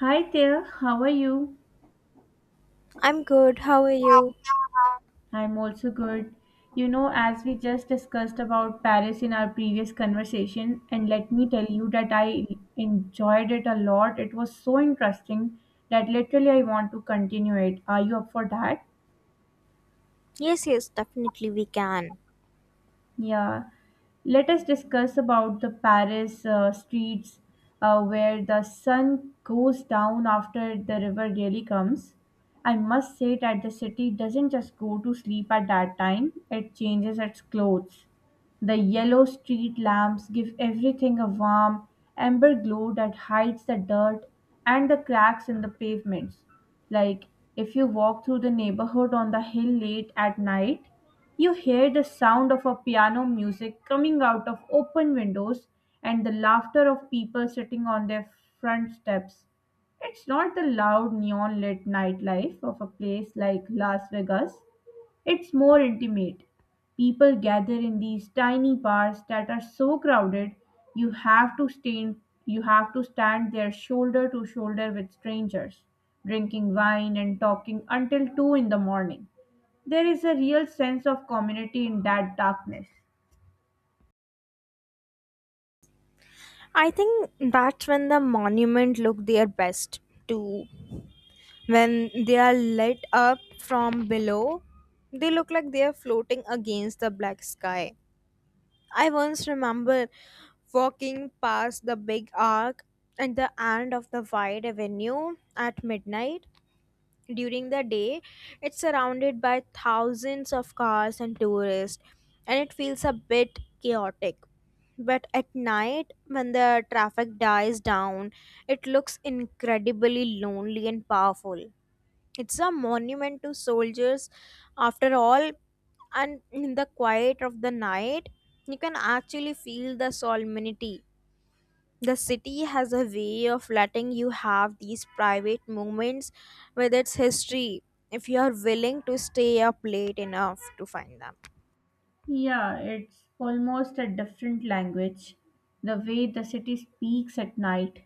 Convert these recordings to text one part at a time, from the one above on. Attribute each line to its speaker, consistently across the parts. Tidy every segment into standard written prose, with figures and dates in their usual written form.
Speaker 1: Hi there, how are you?
Speaker 2: I'm good. How are you?
Speaker 1: I'm also good. As we just discussed about Paris in our previous conversation, and let me tell you that I enjoyed it a lot. It was so interesting that literally I want to continue it. Are you up for that?
Speaker 2: Yes, definitely we can.
Speaker 1: Yeah, let us discuss about the Paris streets where the sun goes down after the river really comes. I must say that the city doesn't just go to sleep at that time, it changes its clothes. The yellow street lamps give everything a warm, amber glow that hides the dirt and the cracks in the pavements. Like if you walk through the neighborhood on the hill late at night, you hear the sound of a piano music coming out of open windows and the laughter of people sitting on their front steps. It's not the loud neon lit nightlife of a place like Las Vegas, it's more intimate. People gather in these tiny bars that are so crowded you have to stand you have to stand there shoulder to shoulder with strangers, drinking wine and talking until 2 in the morning. There is a real sense of community in that darkness.
Speaker 2: I think that's when the monument look their best too. When they are lit up from below, they look like they are floating against the black sky. I once remember walking past the big arc at the end of the wide avenue at midnight. During the day, it's surrounded by thousands of cars and tourists, and it feels a bit chaotic. But at night, when the traffic dies down, it looks incredibly lonely and powerful. It's a monument to soldiers, after all, and in the quiet of the night, you can actually feel the solemnity. The city has a way of letting you have these private moments with its history if you are willing to stay up late enough to find them.
Speaker 1: Yeah, it's almost a different language. The way the city speaks at night.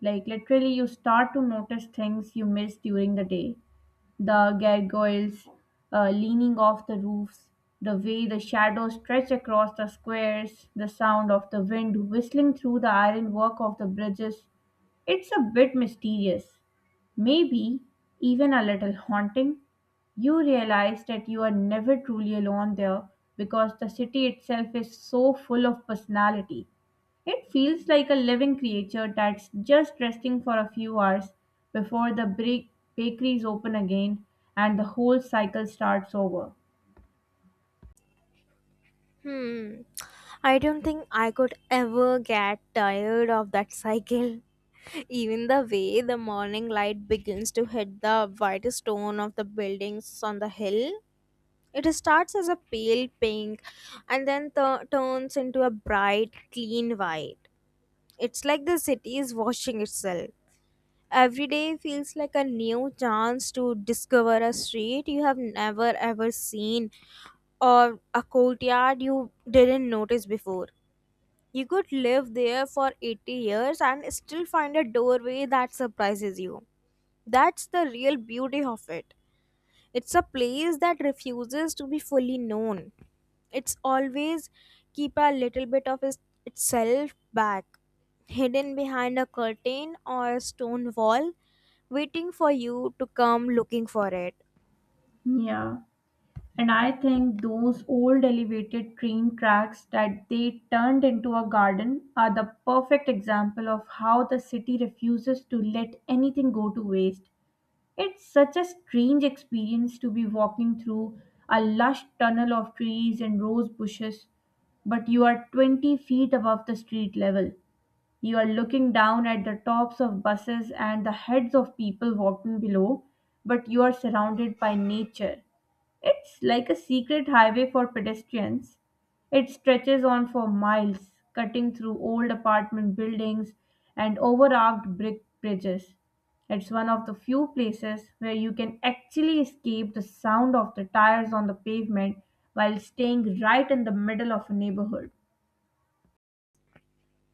Speaker 1: Like, literally, you start to notice things you miss during the day. The gargoyles leaning off the roofs, the way the shadows stretch across the squares, the sound of the wind whistling through the ironwork of the bridges. It's a bit mysterious, maybe even a little haunting. You realize that you are never truly alone there because the city itself is so full of personality. It feels like a living creature that's just resting for a few hours before the bakeries open again and the whole cycle starts over.
Speaker 2: Hmm. I don't think I could ever get tired of that cycle. Even the way the morning light begins to hit the white stone of the buildings on the hill, it starts as a pale pink and then turns into a bright, clean white. It's like the city is washing itself. Every day feels like a new chance to discover a street you have never ever seen or a courtyard you didn't notice before. You could live there for 80 years and still find a doorway that surprises you. That's the real beauty of it. It's a place that refuses to be fully known. It's always keep a little bit of itself back, hidden behind a curtain or a stone wall, waiting for you to come looking for it.
Speaker 1: Yeah. And I think those old elevated train tracks that they turned into a garden are the perfect example of how the city refuses to let anything go to waste. It's such a strange experience to be walking through a lush tunnel of trees and rose bushes, but you are 20 feet above the street level. You are looking down at the tops of buses and the heads of people walking below, but you are surrounded by nature. It's like a secret highway for pedestrians. It stretches on for miles, cutting through old apartment buildings and overarched brick bridges. It's one of the few places where you can actually escape the sound of the tires on the pavement while staying right in the middle of a neighborhood.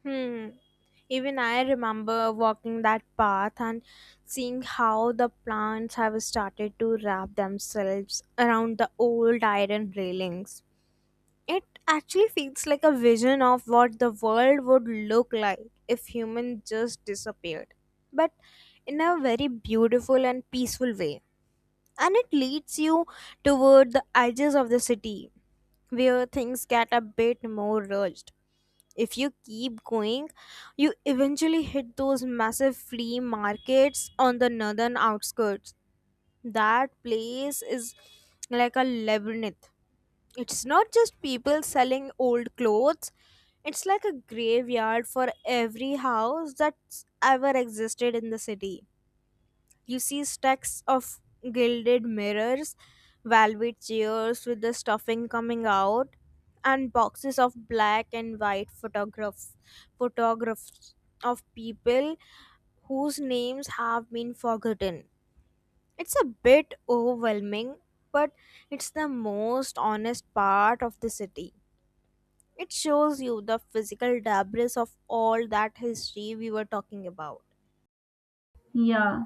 Speaker 2: Hmm. Even I remember walking that path and seeing how the plants have started to wrap themselves around the old iron railings. It actually feels like a vision of what the world would look like if humans just disappeared, but in a very beautiful and peaceful way. And it leads you toward the edges of the city where things get a bit more rushed. If you keep going, you eventually hit those massive flea markets on the northern outskirts. That place is like a labyrinth. It's not just people selling old clothes, it's like a graveyard for every house that's ever existed in the city. You see stacks of gilded mirrors, velvet chairs with the stuffing coming out, and boxes of black and white photographs, photographs of people whose names have been forgotten. It's a bit overwhelming, but it's the most honest part of the city. It shows you the physical debris of all that history we were talking about.
Speaker 1: Yeah,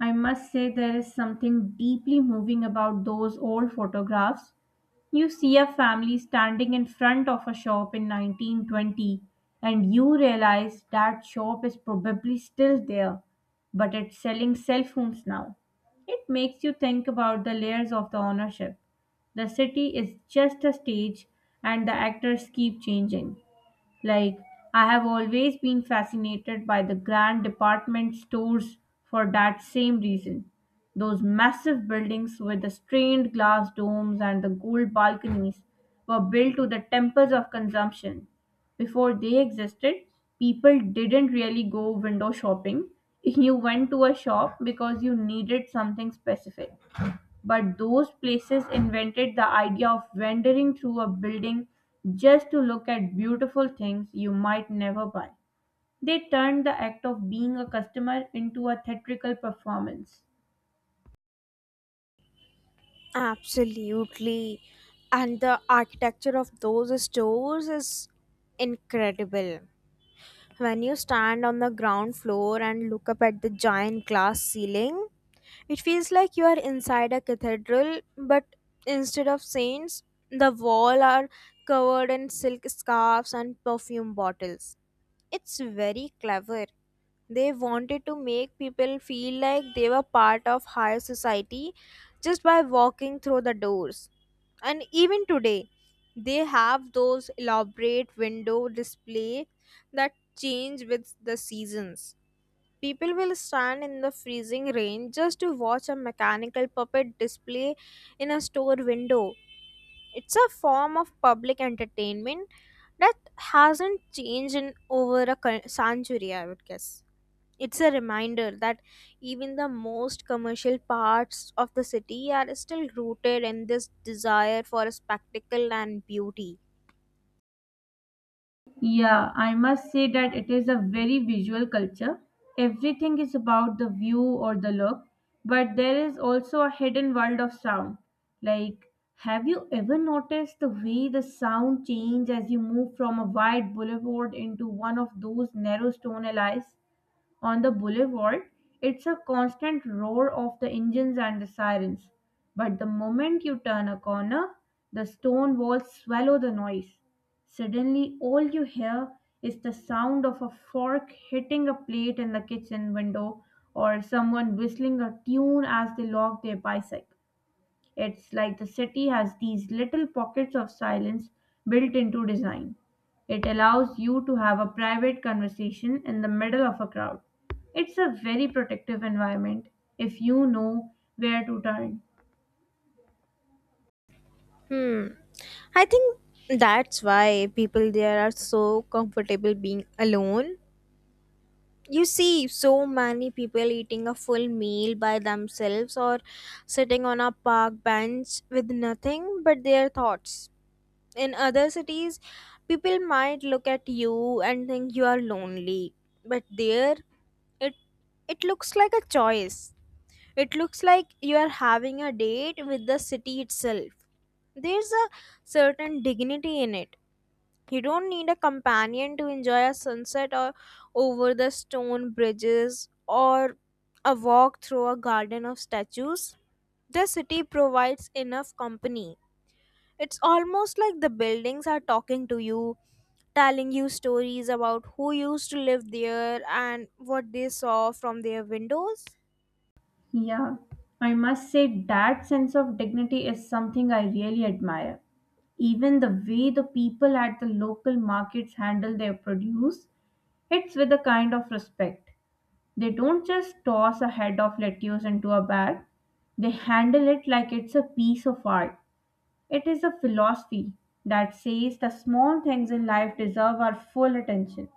Speaker 1: I must say there is something deeply moving about those old photographs. You see a family standing in front of a shop in 1920, and you realize that shop is probably still there, but it's selling cell phones now. It makes you think about the layers of the ownership. The city is just a stage, and the actors keep changing. Like, I have always been fascinated by the grand department stores for that same reason. Those massive buildings with the stained glass domes and the gold balconies were built to the temples of consumption. Before they existed, people didn't really go window shopping. You went to a shop because you needed something specific. But those places invented the idea of wandering through a building just to look at beautiful things you might never buy. They turned the act of being a customer into a theatrical performance.
Speaker 2: Absolutely. And the architecture of those stores is incredible. When you stand on the ground floor and look up at the giant glass ceiling, it feels like you are inside a cathedral, but instead of saints, the wall are covered in silk scarves and perfume bottles. It's very clever. They wanted to make people feel like they were part of higher society just by walking through the doors. And even today, they have those elaborate window display that change with the seasons. People will stand in the freezing rain just to watch a mechanical puppet display in a store window. It's a form of public entertainment that hasn't changed in over a century, I would guess. It's a reminder that even the most commercial parts of the city are still rooted in this desire for a spectacle and beauty.
Speaker 1: Yeah, I must say that it is a very visual culture. Everything is about the view or the look, but there is also a hidden world of sound. Like, have you ever noticed the way the sound changes as you move from a wide boulevard into one of those narrow stone alleys? On the boulevard, it's a constant roar of the engines and the sirens. But the moment you turn a corner, the stone walls swallow the noise. Suddenly, all you hear is the sound of a fork hitting a plate in the kitchen window or someone whistling a tune as they lock their bicycle. It's like the city has these little pockets of silence built into design. It allows you to have a private conversation in the middle of a crowd. It's a very protective environment if you know where to turn.
Speaker 2: Hmm. I think that's why people there are so comfortable being alone. You see so many people eating a full meal by themselves or sitting on a park bench with nothing but their thoughts. In other cities, people might look at you and think you are lonely, but there it, it looks like a choice. It looks like you are having a date with the city itself. There's a certain dignity in it. You don't need a companion to enjoy a sunset or over the stone bridges or a walk through a garden of statues. The city provides enough company. It's almost like the buildings are talking to you, telling you stories about who used to live there and what they saw from their windows.
Speaker 1: Yeah, I must say that sense of dignity is something I really admire. Even the way the people at the local markets handle their produce, it's with a kind of respect. They don't just toss a head of lettuce into a bag, they handle it like it's a piece of art. It is a philosophy that says the small things in life deserve our full attention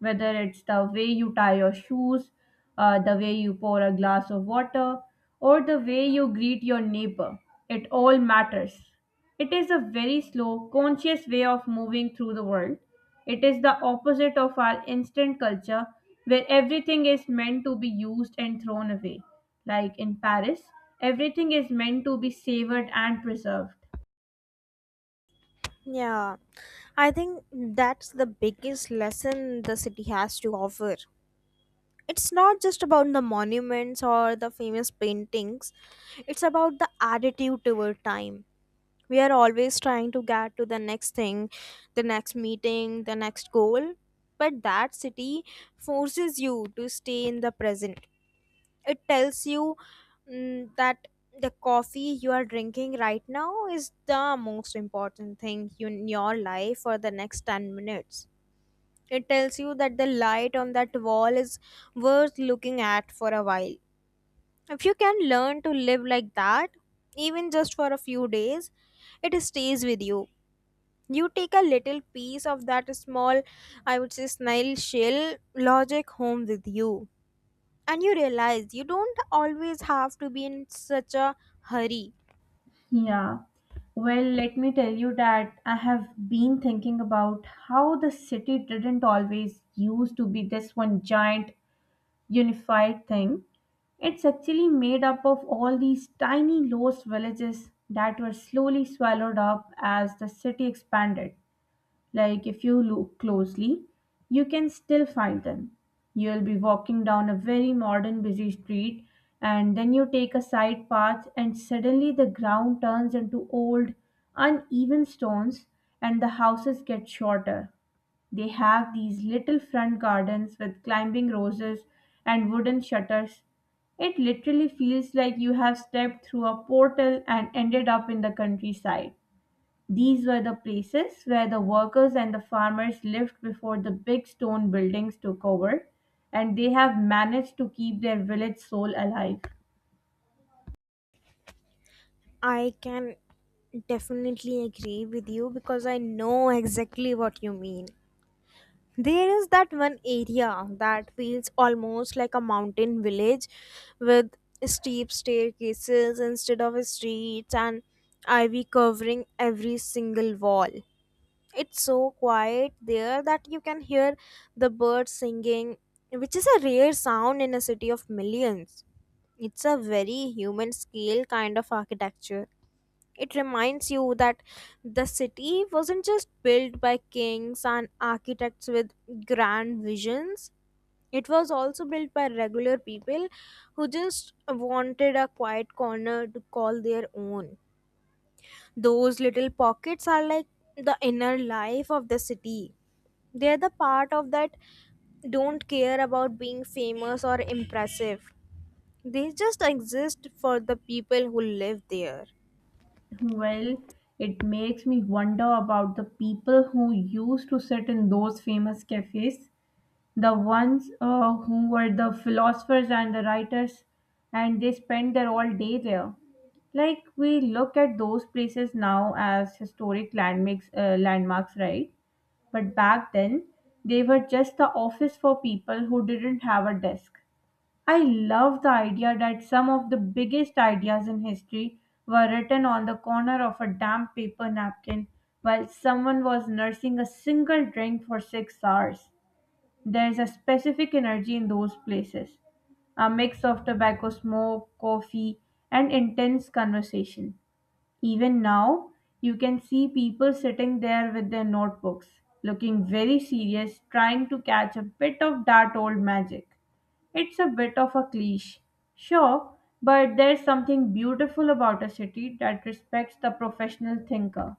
Speaker 1: whether it's the way you tie your shoes, the way you pour a glass of water, or the way you greet your neighbor. It all matters. It is a very slow, conscious way of moving through the world. It is the opposite of our instant culture where everything is meant to be used and thrown away. Like in Paris, everything is meant to be savored and preserved.
Speaker 2: Yeah, I think that's the biggest lesson the city has to offer. It's not just about the monuments or the famous paintings. It's about the attitude toward time. We are always trying to get to the next thing, the next meeting, the next goal, but that city forces you to stay in the present. It tells you that the coffee you are drinking right now is the most important thing in your life for the next 10 minutes. It tells you that the light on that wall is worth looking at for a while. If you can learn to live like that, even just for a few days, it stays with you. You take a little piece of that small, I would say, snail shell logic home with you. And you realize you don't always have to be in such a hurry.
Speaker 1: Yeah. Well, let me tell you that I have been thinking about how the city didn't always used to be this one giant unified thing. It's actually made up of all these tiny lost villages that were slowly swallowed up as the city expanded. Like if you look closely, you can still find them. You'll be walking down a very modern busy street and then you take a side path and suddenly the ground turns into old uneven stones and the houses get shorter. They have these little front gardens with climbing roses and wooden shutters. It literally feels like you have stepped through a portal and ended up in the countryside. These were the places where the workers and the farmers lived before the big stone buildings took over, and they have managed to keep their village soul alive.
Speaker 2: I can definitely agree with you because I know exactly what you mean. There is that one area that feels almost like a mountain village with steep staircases instead of streets and ivy covering every single wall. It's so quiet there that you can hear the birds singing, which is a rare sound in a city of millions. It's a very human scale kind of architecture. It reminds you that the city wasn't just built by kings and architects with grand visions. It was also built by regular people who just wanted a quiet corner to call their own. Those little pockets are like the inner life of the city. They're the part of that don't care about being famous or impressive. They just exist for the people who live there.
Speaker 1: Well, it makes me wonder about the people who used to sit in those famous cafes, the ones who were the philosophers and the writers, and they spent their all day there. Like we look at those places now as historic landmarks, right? But back then, they were just the office for people who didn't have a desk. I love the idea that some of the biggest ideas in history were written on the corner of a damp paper napkin while someone was nursing a single drink for 6 hours. There's a specific energy in those places, a mix of tobacco smoke, coffee, and intense conversation. Even now, you can see people sitting there with their notebooks, looking very serious, trying to catch a bit of that old magic. It's a bit of a cliche, sure, but there's something beautiful about a city that respects the professional thinker.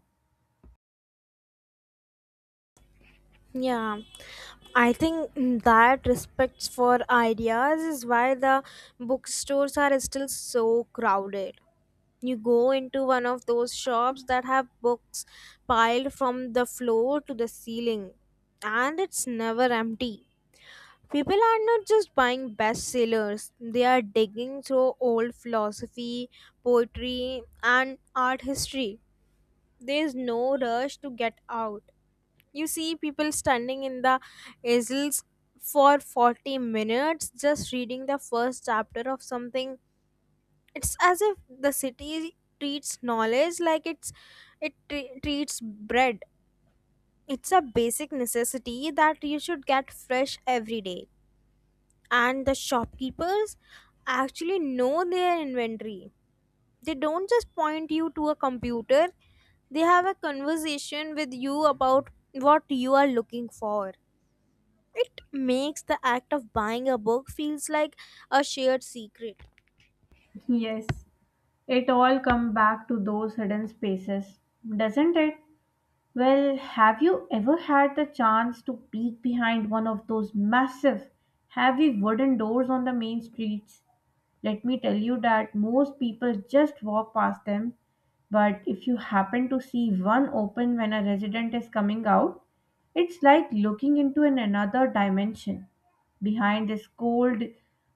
Speaker 2: Yeah, I think that respects for ideas is why the bookstores are still so crowded. You go into one of those shops that have books piled from the floor to the ceiling, and it's never empty. People are not just buying bestsellers, they are digging through old philosophy, poetry, and art history. There is no rush to get out. You see people standing in the aisles for 40 minutes just reading the first chapter of something. It's as if the city treats knowledge like it treats bread. It's a basic necessity that you should get fresh every day. And the shopkeepers actually know their inventory. They don't just point you to a computer, they have a conversation with you about what you are looking for. It makes the act of buying a book feels like a shared secret.
Speaker 1: Yes, it all come back to those hidden spaces, doesn't it? Well, have you ever had the chance to peek behind one of those massive, heavy wooden doors on the main streets? Let me tell you that most people just walk past them. But if you happen to see one open when a resident is coming out, it's like looking into an another dimension. Behind this cold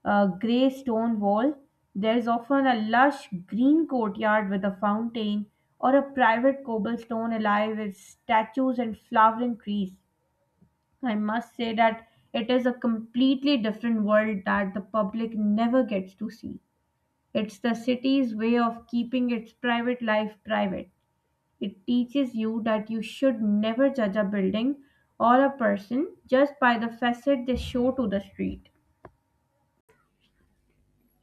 Speaker 1: grey stone wall, there's often a lush green courtyard with a fountain or a private cobblestone alive with statues and flowering trees. I must say that it is a completely different world that the public never gets to see. It's the city's way of keeping its private life private. It teaches you that you should never judge a building or a person just by the facade they show to the street.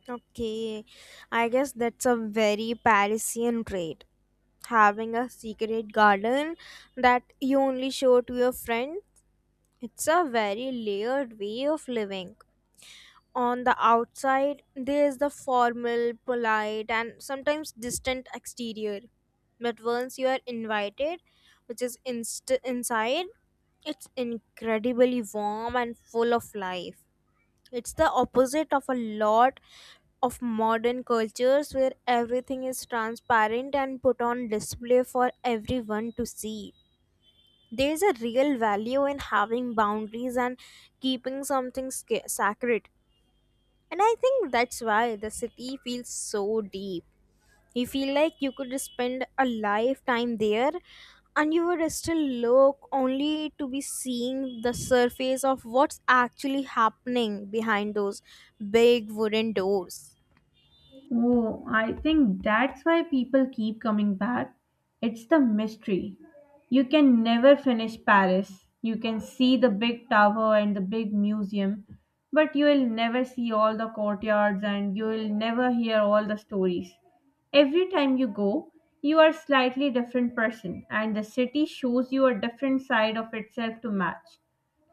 Speaker 2: Okay, I guess that's a very Parisian trait. Having a secret garden that you only show to your friends. It's a very layered way of living. On the outside, there is the formal, polite, and sometimes distant exterior. But once you are invited, which is inside, it's incredibly warm and full of life. It's the opposite of a lot of modern cultures where everything is transparent and put on display for everyone to see. There's a real value in having boundaries and keeping something sacred, and I think that's why the city feels so deep. You feel like you could spend a lifetime there and you would still look only to be seeing the surface of what's actually happening behind those big wooden doors.
Speaker 1: Oh, I think that's why people keep coming back. It's the mystery. You can never finish Paris. You can see the big tower and the big museum, but you will never see all the courtyards and you will never hear all the stories. Every time you go, you are a slightly different person and the city shows you a different side of itself to match.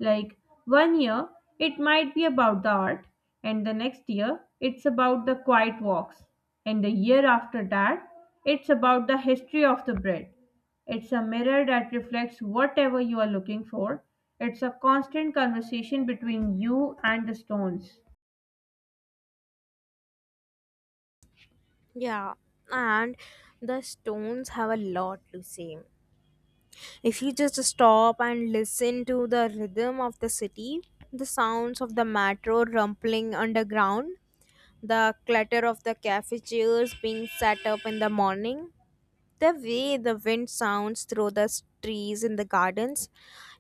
Speaker 1: Like one year, it might be about the art, and the next year, it's about the quiet walks, and the year after that, it's about the history of the bread. It's a mirror that reflects whatever you are looking for. It's a constant conversation between you and the stones.
Speaker 2: Yeah, and the stones have a lot to say. If you just stop and listen to the rhythm of the city, the sounds of the metro rumbling underground, the clutter of the cafe chairs being set up in the morning, the way the wind sounds through the trees in the gardens,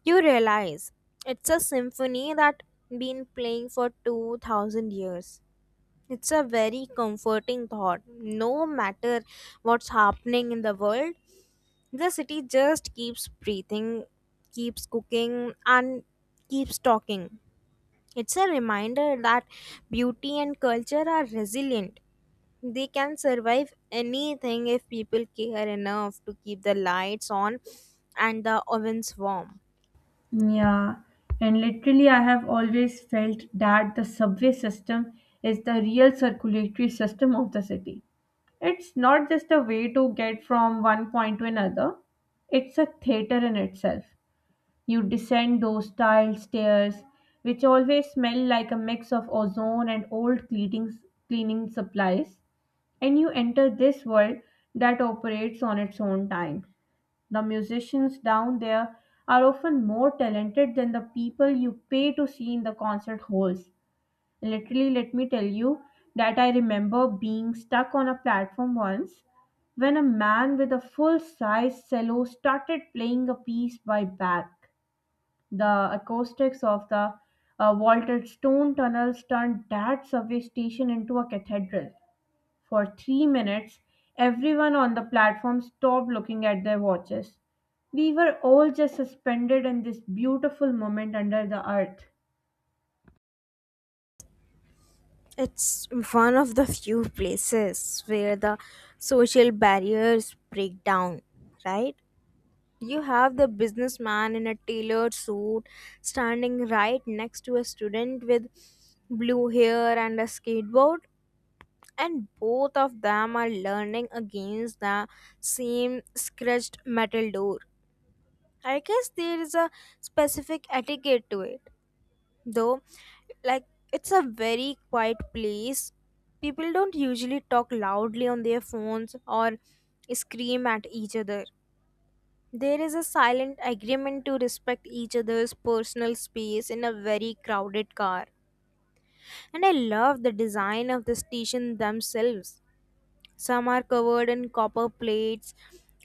Speaker 2: you realize it's a symphony that been playing for 2000 years. It's a very comforting thought. No matter what's happening in the world, the city just keeps breathing, keeps cooking, and keeps talking. It's a reminder that beauty and culture are resilient. They can survive anything if people care enough to keep the lights on and the ovens warm.
Speaker 1: Yeah, and literally, I have always felt that the subway system is the real circulatory system of the city. It's not just a way to get from one point to another, it's a theater in itself. You descend those tiled stairs, which always smell like a mix of ozone and old cleaning, supplies, and you enter this world that operates on its own time. The musicians down there are often more talented than the people you pay to see in the concert halls. Literally, let me tell you that I remember being stuck on a platform once when a man with a full size cello started playing a piece by Bach. The acoustics of the vaulted stone tunnels turned that subway station into a cathedral. For 3 minutes, everyone on the platform stopped looking at their watches. We were all just suspended in this beautiful moment under the earth.
Speaker 2: It's one of the few places where the social barriers break down, right? You have the businessman in a tailored suit standing right next to a student with blue hair and a skateboard, and both of them are learning against the same scratched metal door. I guess there is a specific etiquette to it, though. Like, it's a very quiet place. People don't usually talk loudly on their phones or scream at each other. There is a silent agreement to respect each other's personal space in a very crowded car. And I love the design of the station themselves. Some are covered in copper plates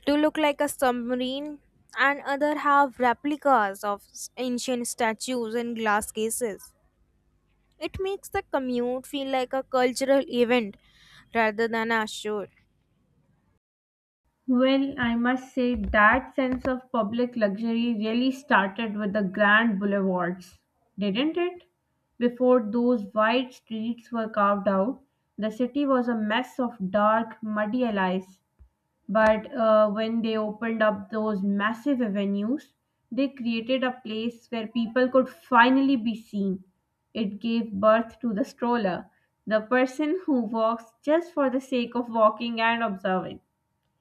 Speaker 2: to look like a submarine, and other have replicas of ancient statues in glass cases. It makes the commute feel like a cultural event rather than a chore.
Speaker 1: Well, I must say that sense of public luxury really started with the grand boulevards, didn't it? Before those wide streets were carved out, the city was a mess of dark, muddy alleys. But when they opened up those massive avenues, they created a place where people could finally be seen. It gave birth to the stroller, the person who walks just for the sake of walking and observing.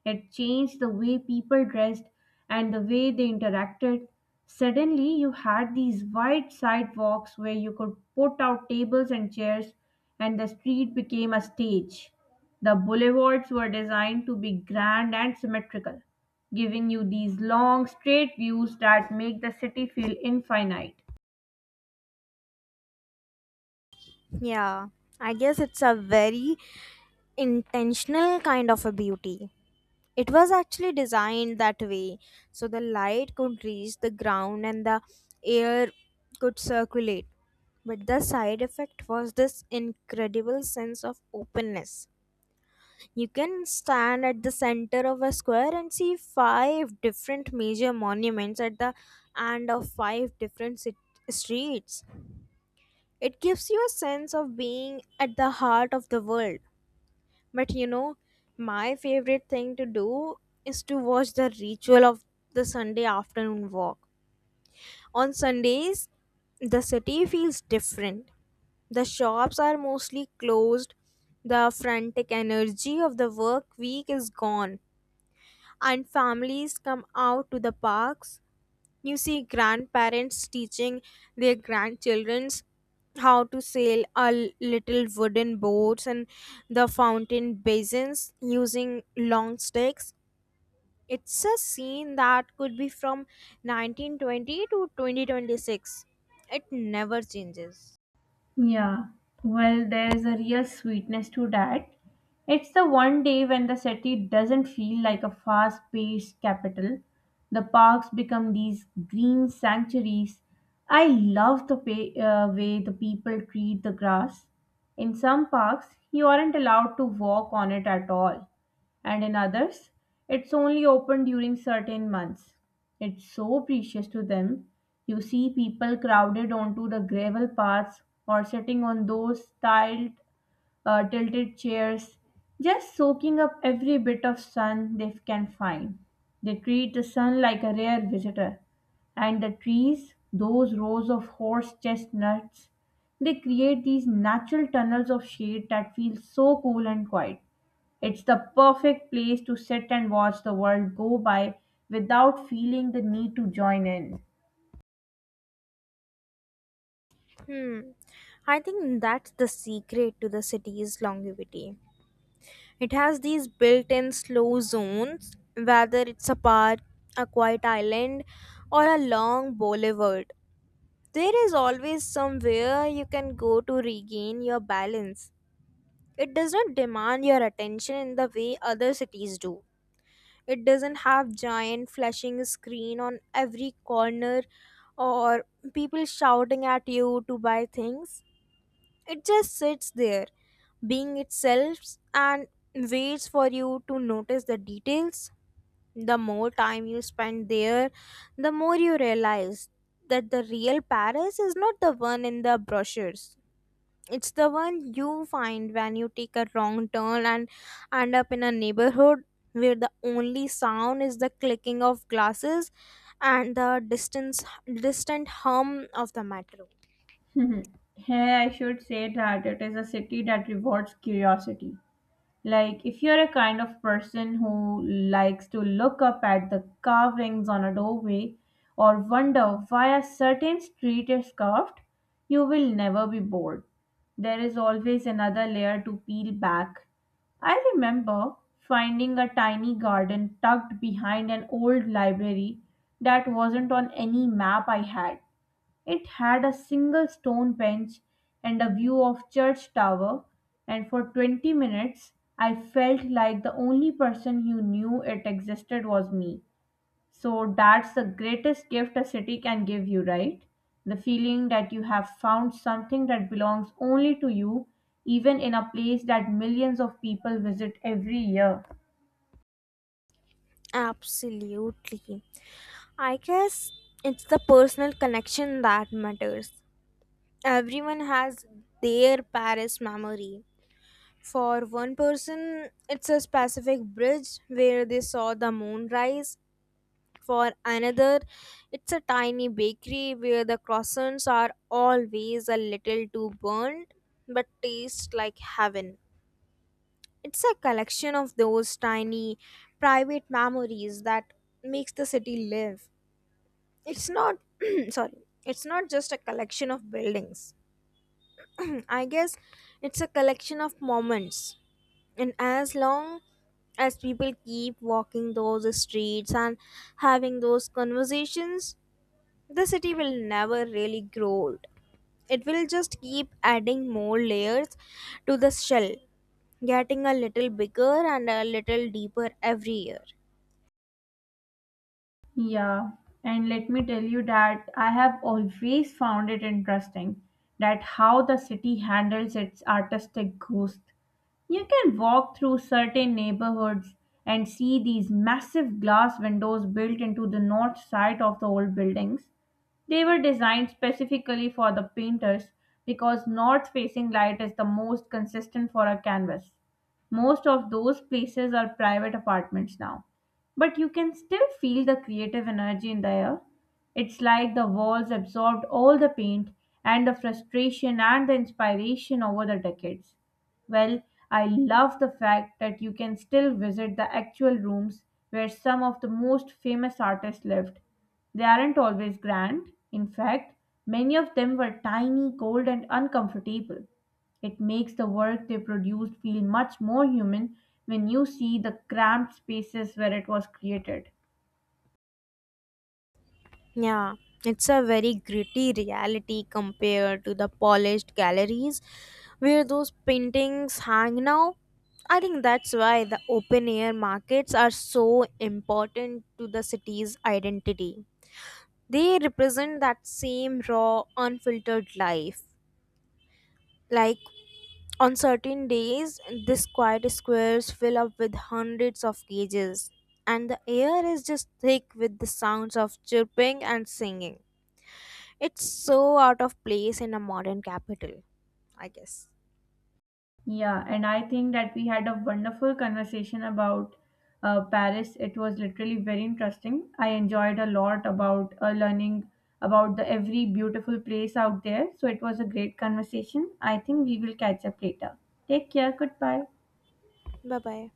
Speaker 1: It changed the way people dressed and the way they interacted. Suddenly, you had these wide sidewalks where you could put out tables and chairs, and the street became a stage. The boulevards were designed to be grand and symmetrical, giving you these long, straight views that make the city feel infinite.
Speaker 2: Yeah, I guess it's a very intentional kind of a beauty. It was actually designed that way so the light could reach the ground and the air could circulate, but the side effect was this incredible sense of openness. You can stand at the center of a square and see five different major monuments at the end of five different streets. It gives you a sense of being at the heart of the world. But you know, my favorite thing to do is to watch the ritual of the Sunday afternoon walk. On Sundays, the city feels different. The shops are mostly closed, the frantic energy of the work week is gone, and families come out to the parks. You see grandparents teaching their grandchildrens how to sail a little wooden boats and the fountain basins using long sticks. It's a scene that could be from 1920 to 2026. It never changes.
Speaker 1: Yeah, well, there's a real sweetness to that. It's the one day when the city doesn't feel like a fast paced capital. The parks become these green sanctuaries. I love the way the people treat the grass. In some parks, you aren't allowed to walk on it at all, and in others, it's only open during certain months. It's so precious to them. You see people crowded onto the gravel paths or sitting on those tilted chairs, just soaking up every bit of sun they can find. They treat the sun like a rare visitor. And the trees, those rows of horse chestnuts, they create these natural tunnels of shade that feel so cool and quiet. It's the perfect place to sit and watch the world go by without feeling the need to join in.
Speaker 2: Hmm. I think that's the secret to the city's longevity. It has these built in slow zones, whether it's a park, a quiet island, or a long boulevard. There is always somewhere you can go to regain your balance. It does not demand your attention in the way other cities do. It doesn't have giant flashing screen on every corner or people shouting at you to buy things. It just sits there being itself and waits for you to notice the details. The more time you spend there, the more you realize that the real Paris is not the one in the brochures. It's the one you find when you take a wrong turn and end up in a neighborhood where the only sound is the clicking of glasses and the distance distant hum of the metro.
Speaker 1: Mhm. Here, I should say that it is a city that rewards curiosity. Like, if you're a kind of person who likes to look up at the carvings on a doorway or wonder why a certain street is carved, you will never be bored. There is always another layer to peel back. I remember finding a tiny garden tucked behind an old library that wasn't on any map I had. It had a single stone bench and a view of church tower, and for 20 minutes I felt like the only person who knew it existed was me. So that's the greatest gift a city can give you, right? The feeling that you have found something that belongs only to you, even in a place that millions of people visit every year.
Speaker 2: Absolutely. I guess it's the personal connection that matters. Everyone has their Paris memory. For one person, it's a specific bridge where they saw the moon rise. For another, it's a tiny bakery where the croissants are always a little too burnt but taste like heaven. It's a collection of those tiny private memories that makes the city live. It's not sorry it's not just a collection of buildings, I guess. It's a collection of moments, and as long as people keep walking those streets and having those conversations, the city will never really grow old. It will just keep adding more layers to the shell, getting a little bigger and a little deeper every year.
Speaker 1: Yeah, and let me tell you that I have always found it interesting that how the city handles its artistic ghost. You can walk through certain neighborhoods and see these massive glass windows built into the north side of the old buildings. They were designed specifically for the painters because north facing light is the most consistent for a canvas. Most of those places are private apartments now, but you can still feel the creative energy in the air. It's like the walls absorbed all the paint and the frustration and the inspiration over the decades. Well, I love the fact that you can still visit the actual rooms where some of the most famous artists lived. They aren't always grand. In fact, many of them were tiny, cold, and uncomfortable. It makes the work they produced feel much more human when you see the cramped spaces where it was created.
Speaker 2: Yeah, it's a very gritty reality compared to the polished galleries where those paintings hang now. I think that's why the open air markets are so important to the city's identity. They represent that same raw, unfiltered life. Like on certain days, this quiet squares fill up with hundreds of cages, and the air is just thick with the sounds of chirping and singing. It's so out of place in a modern capital, I guess.
Speaker 1: Yeah, and I think that we had a wonderful conversation about Paris. It was literally very interesting. I enjoyed a lot about learning about the every beautiful place out there. So it was a great conversation. I think we will catch up later. Take care. Goodbye.
Speaker 2: Bye bye.